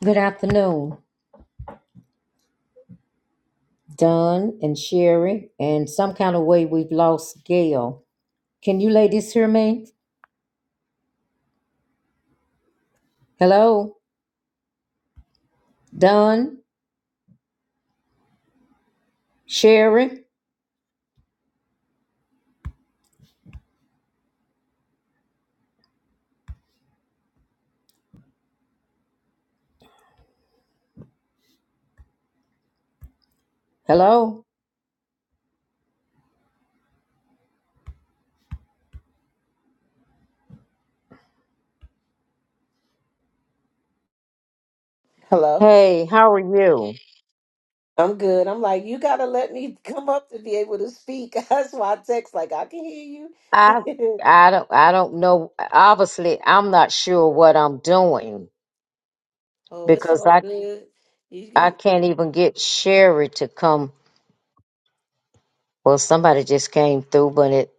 Good afternoon, Don and Sherry, and some kind of way we've lost Gail. Can you ladies hear me? Hello, Don, Sherry. Hello. Hello. Hey, how are you? I'm good. I'm like, you gotta let me come up to be able to speak. That's why I text like I can hear you. I I don't I don't know. Obviously, I'm not sure what I'm doing oh, it's because all I good. You I g- can't even get Sherry to come. Well, somebody just came through, but it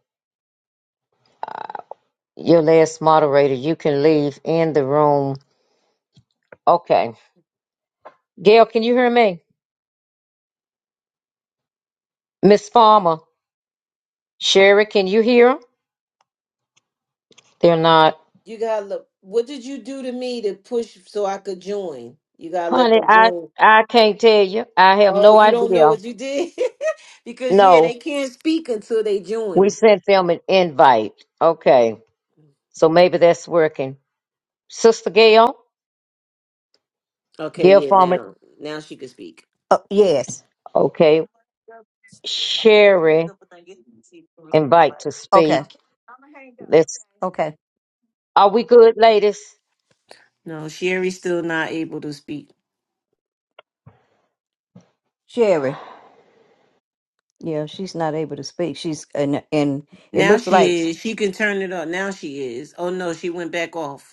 your last moderator. You can leave in the room. Okay, Gail, can you hear me, Miss Farmer? Sherry, can you hear 'em? They're not. you gotta look. What did you do to me to push so I could join? You gotta let Honey, them I join. I can't tell you. I have Oh, no you don't know idea. what you did because yeah, No, they can't speak until they we join. sent them an invite. Okay, so maybe that's working. Sister Gail, Okay, Gail yeah, Farman. now now she can speak. Oh, yes. Okay, Sherry, invite to Okay. speak. Let's. Okay. Are we good, ladies? No, Sherry's still not able to speak. Sherry. Yeah, she's not able to speak. She's and and it Now looks like she is. She can turn it on. Now she is. Oh no, she went back off.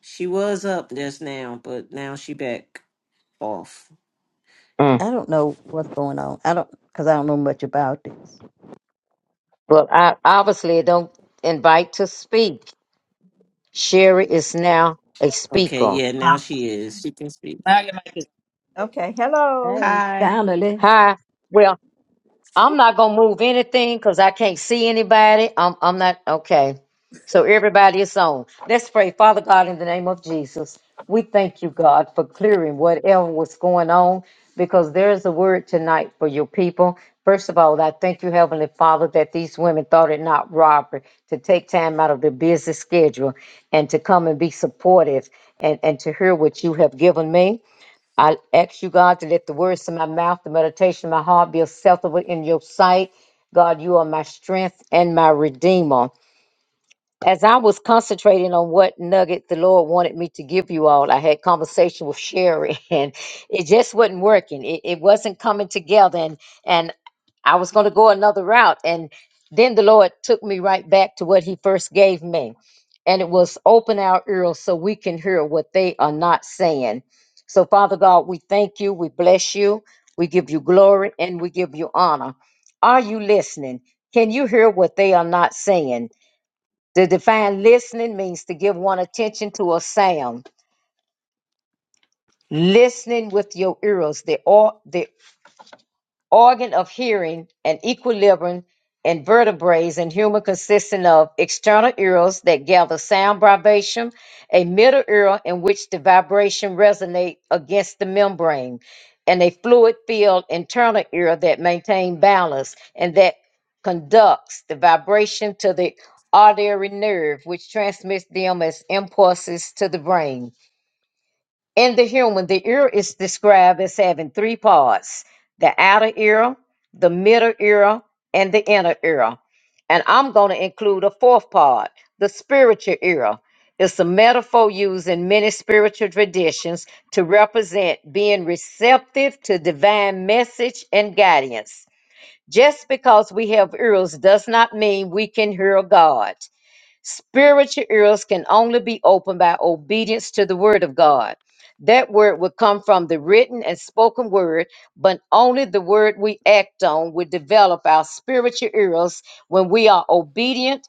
She was up just now, but now she back off. Mm. I don't know what's going on. I don't because I don't know much about this. Well, I obviously don't invite to speak. Sherry is now a Okay, speaker. yeah, now Uh, she is. She can speak. now your mic is Okay, hello. Hey, Hi. finally. Hi. Well. I'm not gonna move anything because I can't see anybody. I'm I'm not okay. So everybody is on. Let's pray. Father God, in the name of Jesus, we thank you, God, for clearing whatever was going on because there is a word tonight for your people. First of all, I thank you, Heavenly Father, that these women thought it not robbery to take time out of their busy schedule and to come and be supportive and, and to hear what you have given me. I ask you, God, to let the words of my mouth, the meditation of my heart be acceptable in your sight. God, you are my strength and my redeemer. As I was concentrating on what nugget the Lord wanted me to give you all, I had conversation with Sherry, and it just wasn't working. It, it wasn't coming together, and and I was going to go another route, and then the Lord took me right back to what He first gave me and it was open our ears so we can hear what they are not saying. So, Father God, we thank you, we bless you, we give you glory, and we give you honor. Are you listening? Can you hear what they are not saying? The define listening means to give one attention to a sound. Listening with your ears, the, or, the organ of hearing and equilibrium and vertebrates in human consisting of external ears that gather sound vibration, a middle ear in which the vibration resonate against the membrane, and a fluid-filled internal ear that maintain balance and that conducts the vibration to the auditory nerve, which transmits them as impulses to the brain. In the human, the ear is described as having three parts the outer ear, the middle ear, and the inner ear. And I'm going to include a fourth part, the spiritual ear. It's a metaphor used in many spiritual traditions to represent being receptive to divine message and guidance. Just because we have ears does not mean we can hear God. Spiritual ears can only be opened by obedience to the word of God. That word would come from the written and spoken word, but only the word we act on will develop our spiritual ears. When we are obedient,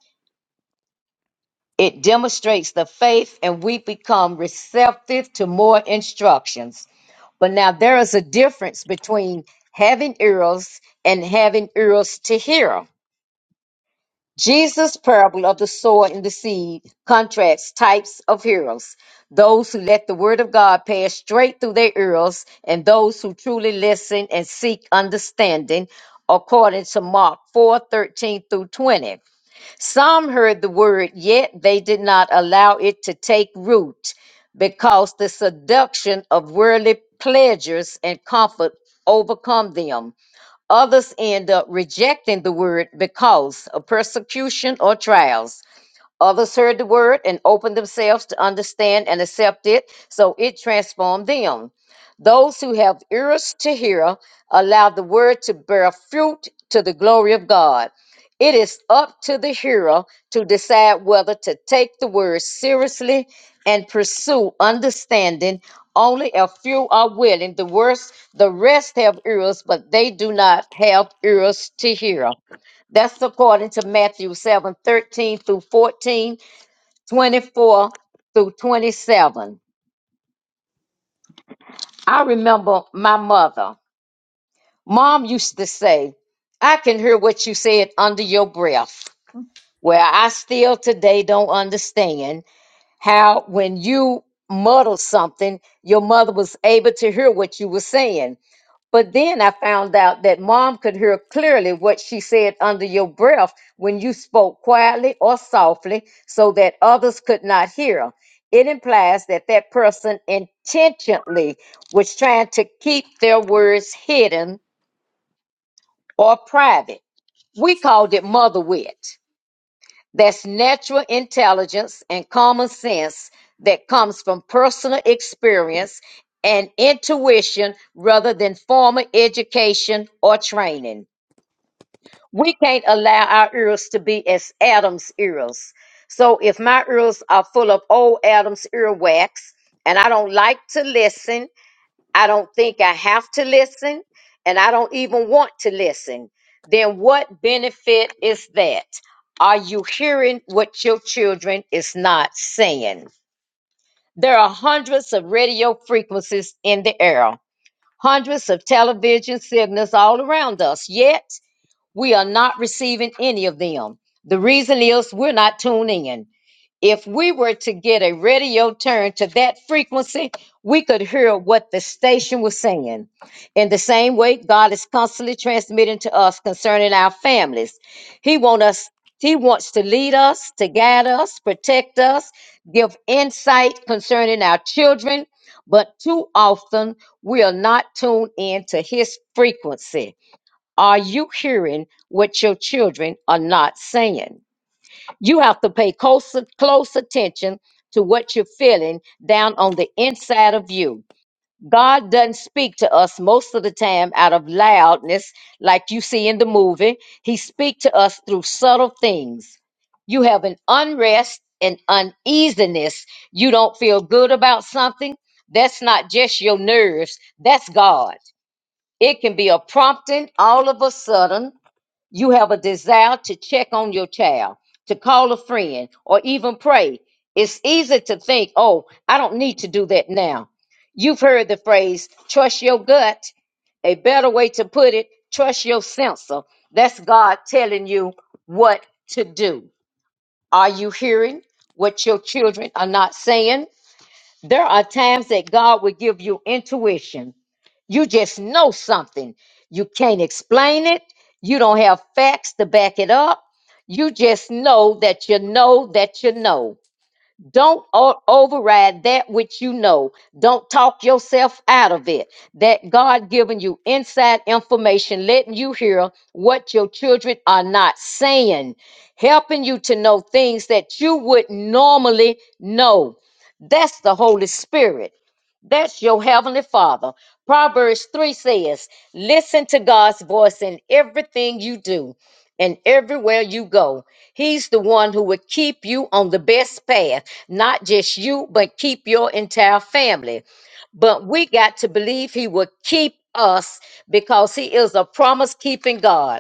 it demonstrates the faith and we become receptive to more instructions. But now there is a difference between having ears and having ears to hear. Jesus' parable of the sower and the seed contrasts types of hearers those who let the word of God pass straight through their ears, and those who truly listen and seek understanding, according to Mark four thirteen through 20. Some heard the word, yet they did not allow it to take root because the seduction of worldly pleasures and comfort overcome them Others end up rejecting the word because of persecution or trials. Others heard the word and opened themselves to understand and accept it, so it transformed them. Those who have ears to hear, allow the word to bear fruit to the glory of God. It is up to the hearer to decide whether to take the word seriously and pursue understanding. Only a few are willing. The worst, the rest have ears, but they do not have ears to hear. That's according to Matthew 7 13 through 14 24 through 27. I remember my mother. Mom used to say, I can hear what you said under your breath. Well, I still today don't understand how when you muddle something, your mother was able to hear what you were saying But then I found out that mom could hear clearly what she said under your breath when you spoke quietly or softly so that others could not hear. It implies that that person intentionally was trying to keep their words hidden or private. We called it mother wit. That's natural intelligence and common sense that comes from personal experience and intuition rather than formal education or training. we can't allow our ears to be as Adam's ears. So if my ears are full of old Adam's earwax and I don't like to listen, I don't think I have to listen, and I don't even want to listen, then what benefit is that? Are you hearing what your children is not saying? There are hundreds of radio frequencies in the air, hundreds of television signals all around us, yet we are not receiving any of them. The reason is we're not tuning in. If we were to get a radio turn to that frequency, we could hear what the station was saying. In the same way, God is constantly transmitting to us concerning our families. He wants us he wants to lead us, to guide us, protect us, give insight concerning our children, but too often we are not tuned in to his frequency. Are you hearing what your children are not saying? You have to pay close, close attention to what you're feeling down on the inside of you. God doesn't speak to us most of the time out of loudness, like you see in the movie. He speaks to us through subtle things. You have an unrest and uneasiness. You don't feel good about something. That's not just your nerves, that's God. It can be a prompting all of a sudden you have a desire to check on your child, to call a friend, or even pray. It's easy to think, oh, I don't need to do that now. You've heard the phrase, trust your gut. A better way to put it, trust your sensor. That's God telling you what to do. Are you hearing what your children are not saying? There are times that God will give you intuition you just know something. You can't explain it. You don't have facts to back it up. You just know that you know that you know. Don't o- override that which you know. Don't talk yourself out of it. That God giving you inside information, letting you hear what your children are not saying, helping you to know things that you would normally know. That's the Holy Spirit. That's your heavenly father. Proverbs 3 says, Listen to God's voice in everything you do and everywhere you go. He's the one who would keep you on the best path, not just you, but keep your entire family. But we got to believe he will keep us because he is a promise keeping God.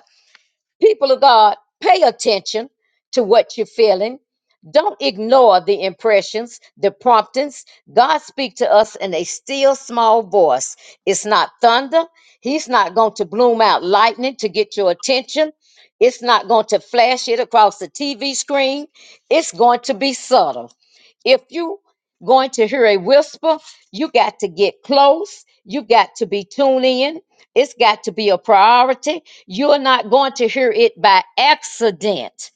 People of God, pay attention to what you're feeling. Don't ignore the impressions, the promptings. God speaks to us in a still small voice. It's not thunder. He's not going to bloom out lightning to get your attention. It's not going to flash it across the TV screen. It's going to be subtle. If you going to hear a whisper, you got to get close. You got to be tuned in. It's got to be a priority you're not going to hear it by accident.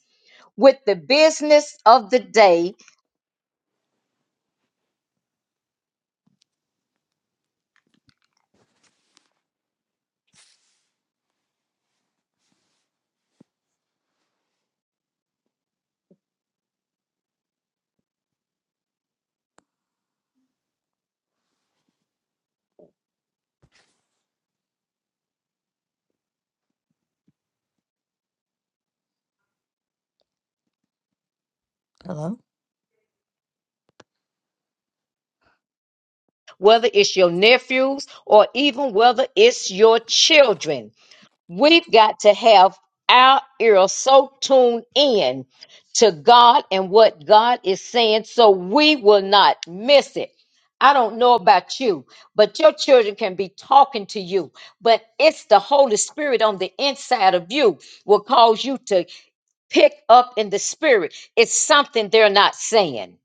With the business of the day, whether it's your nephews or even whether it's your children, we've got to have our ears so tuned in to God and what God is saying so we will not miss it. I don't know about you, but your children can be talking to you, but it's the Holy Spirit on the inside of you will cause you to pick up in the spirit. It's something they're not saying.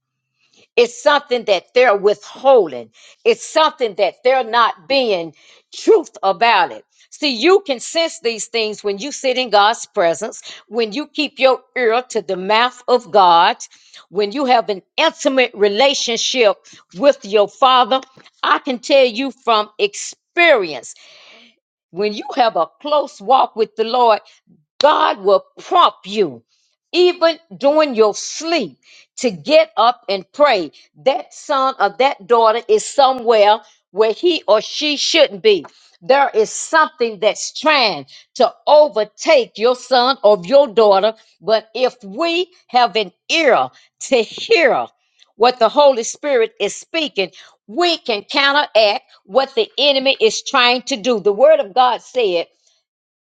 It's something that they're withholding. It's something that they're not being truth about it. See, you can sense these things when you sit in God's presence, when you keep your ear to the mouth of God, when you have an intimate relationship with your Father. I can tell you from experience, when you have a close walk with the Lord, God will prompt you, even during your sleep, to get up and pray. That son or that daughter is somewhere where he or she shouldn't be. There is something that's trying to overtake your son or your daughter. But if we have an ear to hear what the Holy Spirit is speaking, we can counteract what the enemy is trying to do. The Word of God said,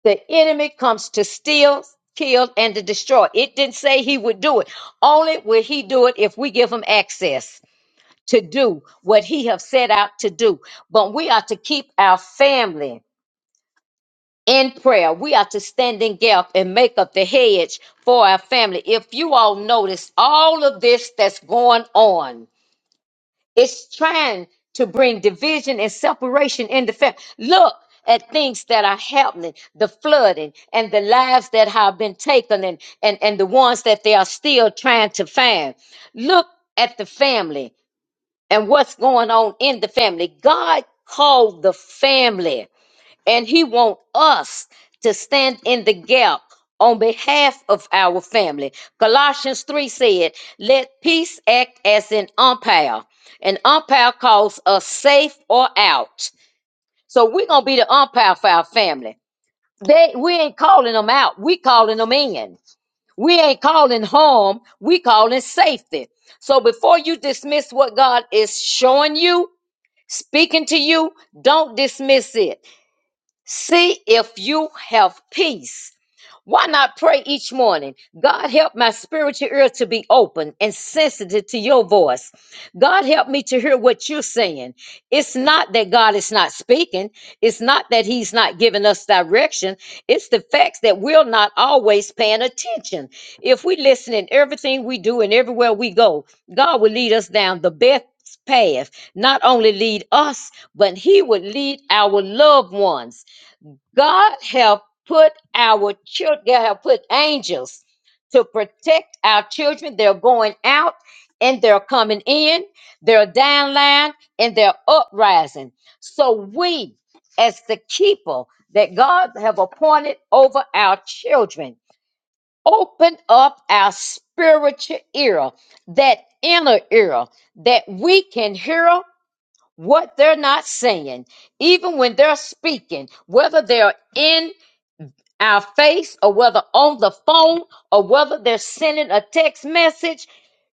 the enemy comes to steal, kill, and to destroy. It didn't say he would do it. Only will he do it if we give him access to do what he have set out to do. But we are to keep our family in prayer. We are to stand in gap and make up the hedge for our family. If you all notice all of this that's going on, it's trying to bring division and separation in the family. Look at things that are happening, the flooding and the lives that have been taken and, and, and the ones that they are still trying to find. Look at the family and what's going on in the family. God called the family and he wants us to stand in the gap on behalf of our family. Colossians 3 said, Let peace act as an umpire. An umpire calls us safe or out. So we're gonna be the umpire for our family. They we ain't calling them out, we calling them in. We ain't calling harm, we calling safety. So before you dismiss what God is showing you, speaking to you, don't dismiss it See if you have peace. Why not pray each morning? God, help my spiritual ear to be open and sensitive to your voice. God, help me to hear what you're saying. It's not that God is not speaking, it's not that He's not giving us direction. It's the facts that we're not always paying attention. If we listen in everything we do and everywhere we go, God will lead us down the best path, not only lead us, but He would lead our loved ones. God have put our children, God have put angels to protect our children. They're going out and they're coming in, they're downline and they're uprising. So we, as the people that God have appointed over our children, open up our spiritual ear, that inner ear, that we can hear what they're not saying, even when they're speaking, whether they're in our face or whether on the phone or whether they're sending a text message,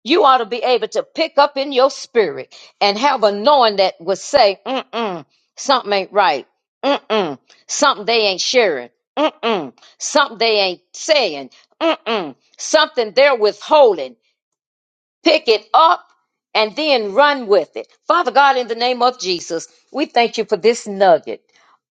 you ought to be able to pick up in your spirit and have a knowing that would say, mm-mm, something ain't right. Mm-mm, something they ain't sharing. Mm-mm, something they ain't saying. Mm-mm, something they're withholding. Pick it up and then run with it. Father God, in the name of Jesus, we thank you for this nugget.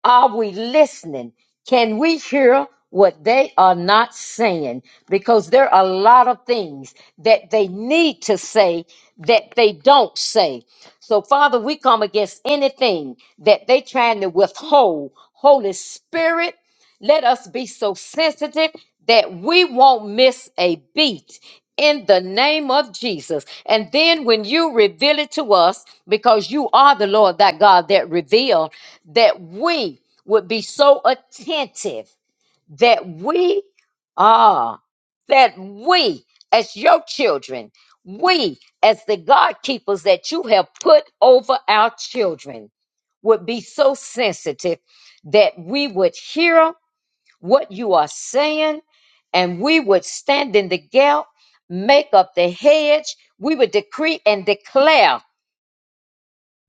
Are we listening? Can we hear what they are not saying? Because there are a lot of things that they need to say that they don't say. So, Father, we come against anything that they trying to withhold. Holy Spirit, let us be so sensitive that we won't miss a beat in the name of Jesus. And then when you reveal it to us, because you are the Lord that God that revealed, that we would be so attentive that we are, that we as your children, we as the God keepers that you have put over our children would be so sensitive that we would hear what you are saying and we would stand in the gap, make up the hedge, we would decree and declare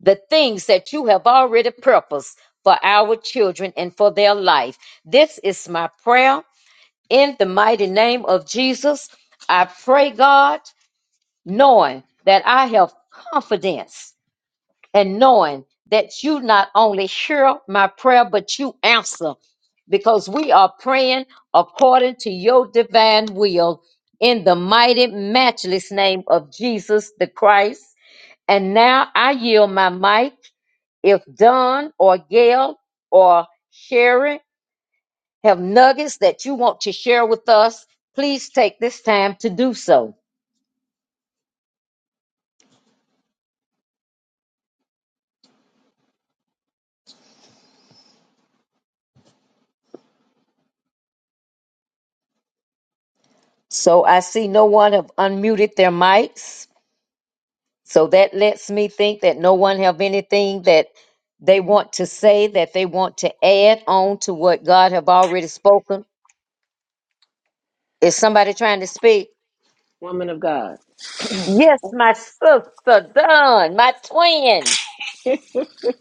the things that you have already purposed for our children and for their life. This is my prayer in the mighty name of Jesus. I pray, God, knowing that I have confidence and knowing that you not only hear my prayer, but you answer because we are praying according to your divine will in the mighty, matchless name of Jesus the Christ. And now I yield my mic if Don or Gail or Sherry have nuggets that you want to share with us, please take this time to do so. So I see no one have unmuted their mics. So that lets me think that no one have anything that they want to say that they want to add on to what God have already spoken. Is somebody trying to speak? Woman of God. Yes, my sister Don, my twin.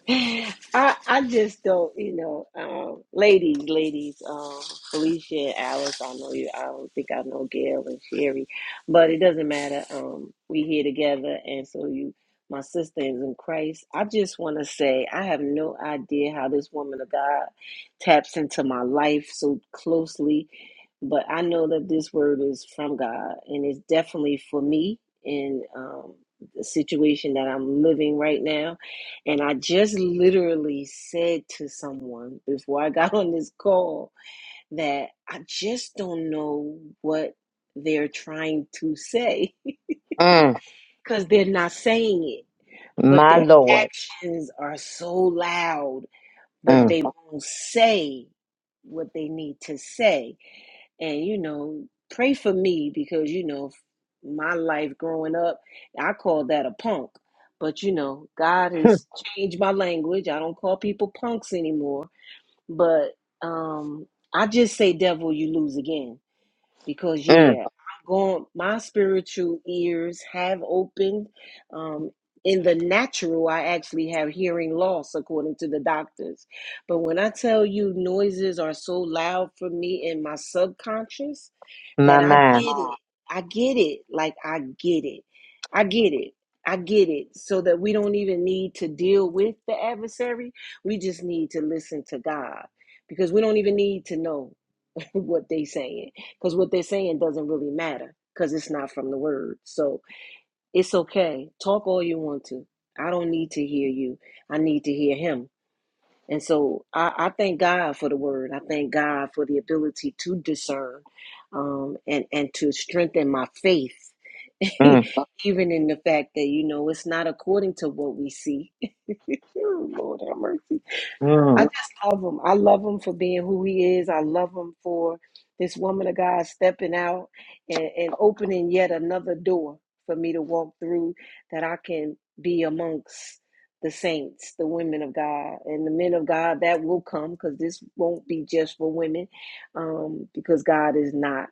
I I just don't, you know, um, ladies, ladies, um, Felicia and Alice. I know you. I don't think I know Gail and Sherry, but it doesn't matter. Um, we here together, and so you, my sister is in Christ. I just want to say I have no idea how this woman of God taps into my life so closely, but I know that this word is from God, and it's definitely for me in um, the situation that I'm living right now and I just literally said to someone before I got on this call that I just don't know what they're trying to say Mm, because they're not saying it, but my their Lord. actions are so loud, but Mm, they won't say what they need to say and you know pray for me because you know my life growing up i call that a punk but you know god has changed my language i don't call people punks anymore but um i just say devil you lose again because mm, yeah i'm going my spiritual ears have opened um in the natural i actually have hearing loss according to the doctors but when i tell you noises are so loud for me in my subconscious my that I get mind. it. I get it. Like, I get it. I get it. I get it. So that we don't even need to deal with the adversary. We just need to listen to God because we don't even need to know what they are saying because what they're saying doesn't really matter because it's not from the word. So it's okay. Talk all you want to. I don't need to hear you. I need to hear him and so I, I thank God for the word. I thank God for the ability to discern um, and, and to strengthen my faith, Mm. even in the fact that, you know, it's not according to what we see. Oh, Lord have mercy. I Mm, just love him. I love him for being who he is. I love him for this woman of God stepping out and, and opening yet another door for me to walk through that I can be amongst the saints, the women of God, and the men of God that will come because this won't be just for women um, because God is not.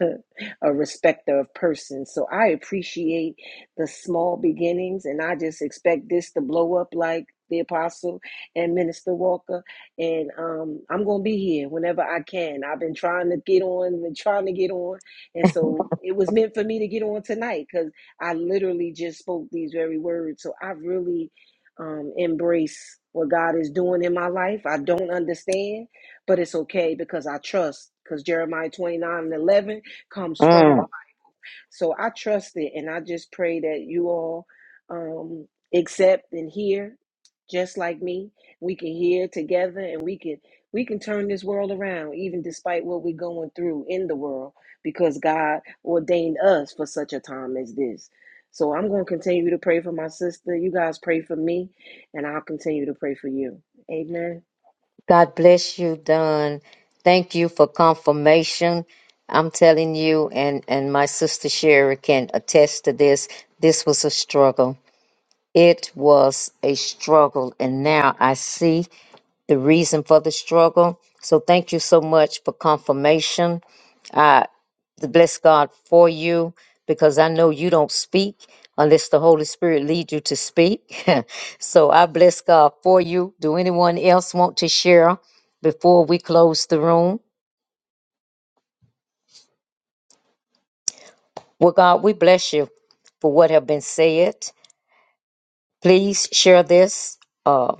a respecter of persons. So I appreciate the small beginnings, and I just expect this to blow up like the apostle and minister walker and um i'm gonna be here whenever i can i've been trying to get on been trying to get on and so it was meant for me to get on tonight because i literally just spoke these very words so i really um embrace what god is doing in my life i don't understand but it's okay because i trust because jeremiah 29 and 11 comes from. mm. So I trust it, and I just pray that you all um, accept and hear, just like me. We can hear together, and we can we can turn this world around, even despite what we're going through in the world, because God ordained us for such a time as this. So I'm going to continue to pray for my sister. You guys pray for me, and I'll continue to pray for you. Amen. God bless you, Don. Thank you for confirmation. I'm telling you, and, and my sister Sherry can attest to this. This was a struggle. It was a struggle. And now I see the reason for the struggle. So thank you so much for confirmation. to bless God for you because I know you don't speak unless the Holy Spirit leads you to speak. so I bless God for you. Do anyone else want to share before we close the room? Well, God, we bless you for what have been said. Please share this. uh,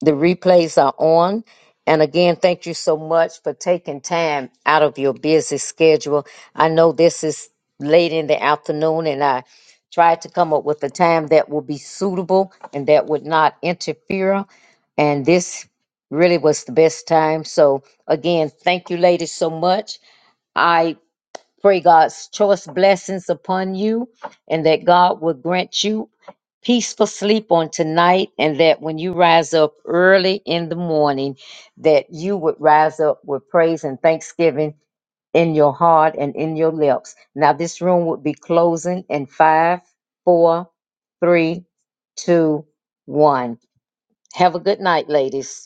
The replays are on. And again, thank you so much for taking time out of your busy schedule. I know this is late in the afternoon, and I tried to come up with a time that would be suitable and that would not interfere. And this really was the best time. So, again, thank you, ladies, so much. I pray God's choice blessings upon you and that God will grant you peaceful sleep on tonight and that when you rise up early in the morning that you would rise up with praise and thanksgiving in your heart and in your lips now this room would be closing in five four three two one have a good night ladies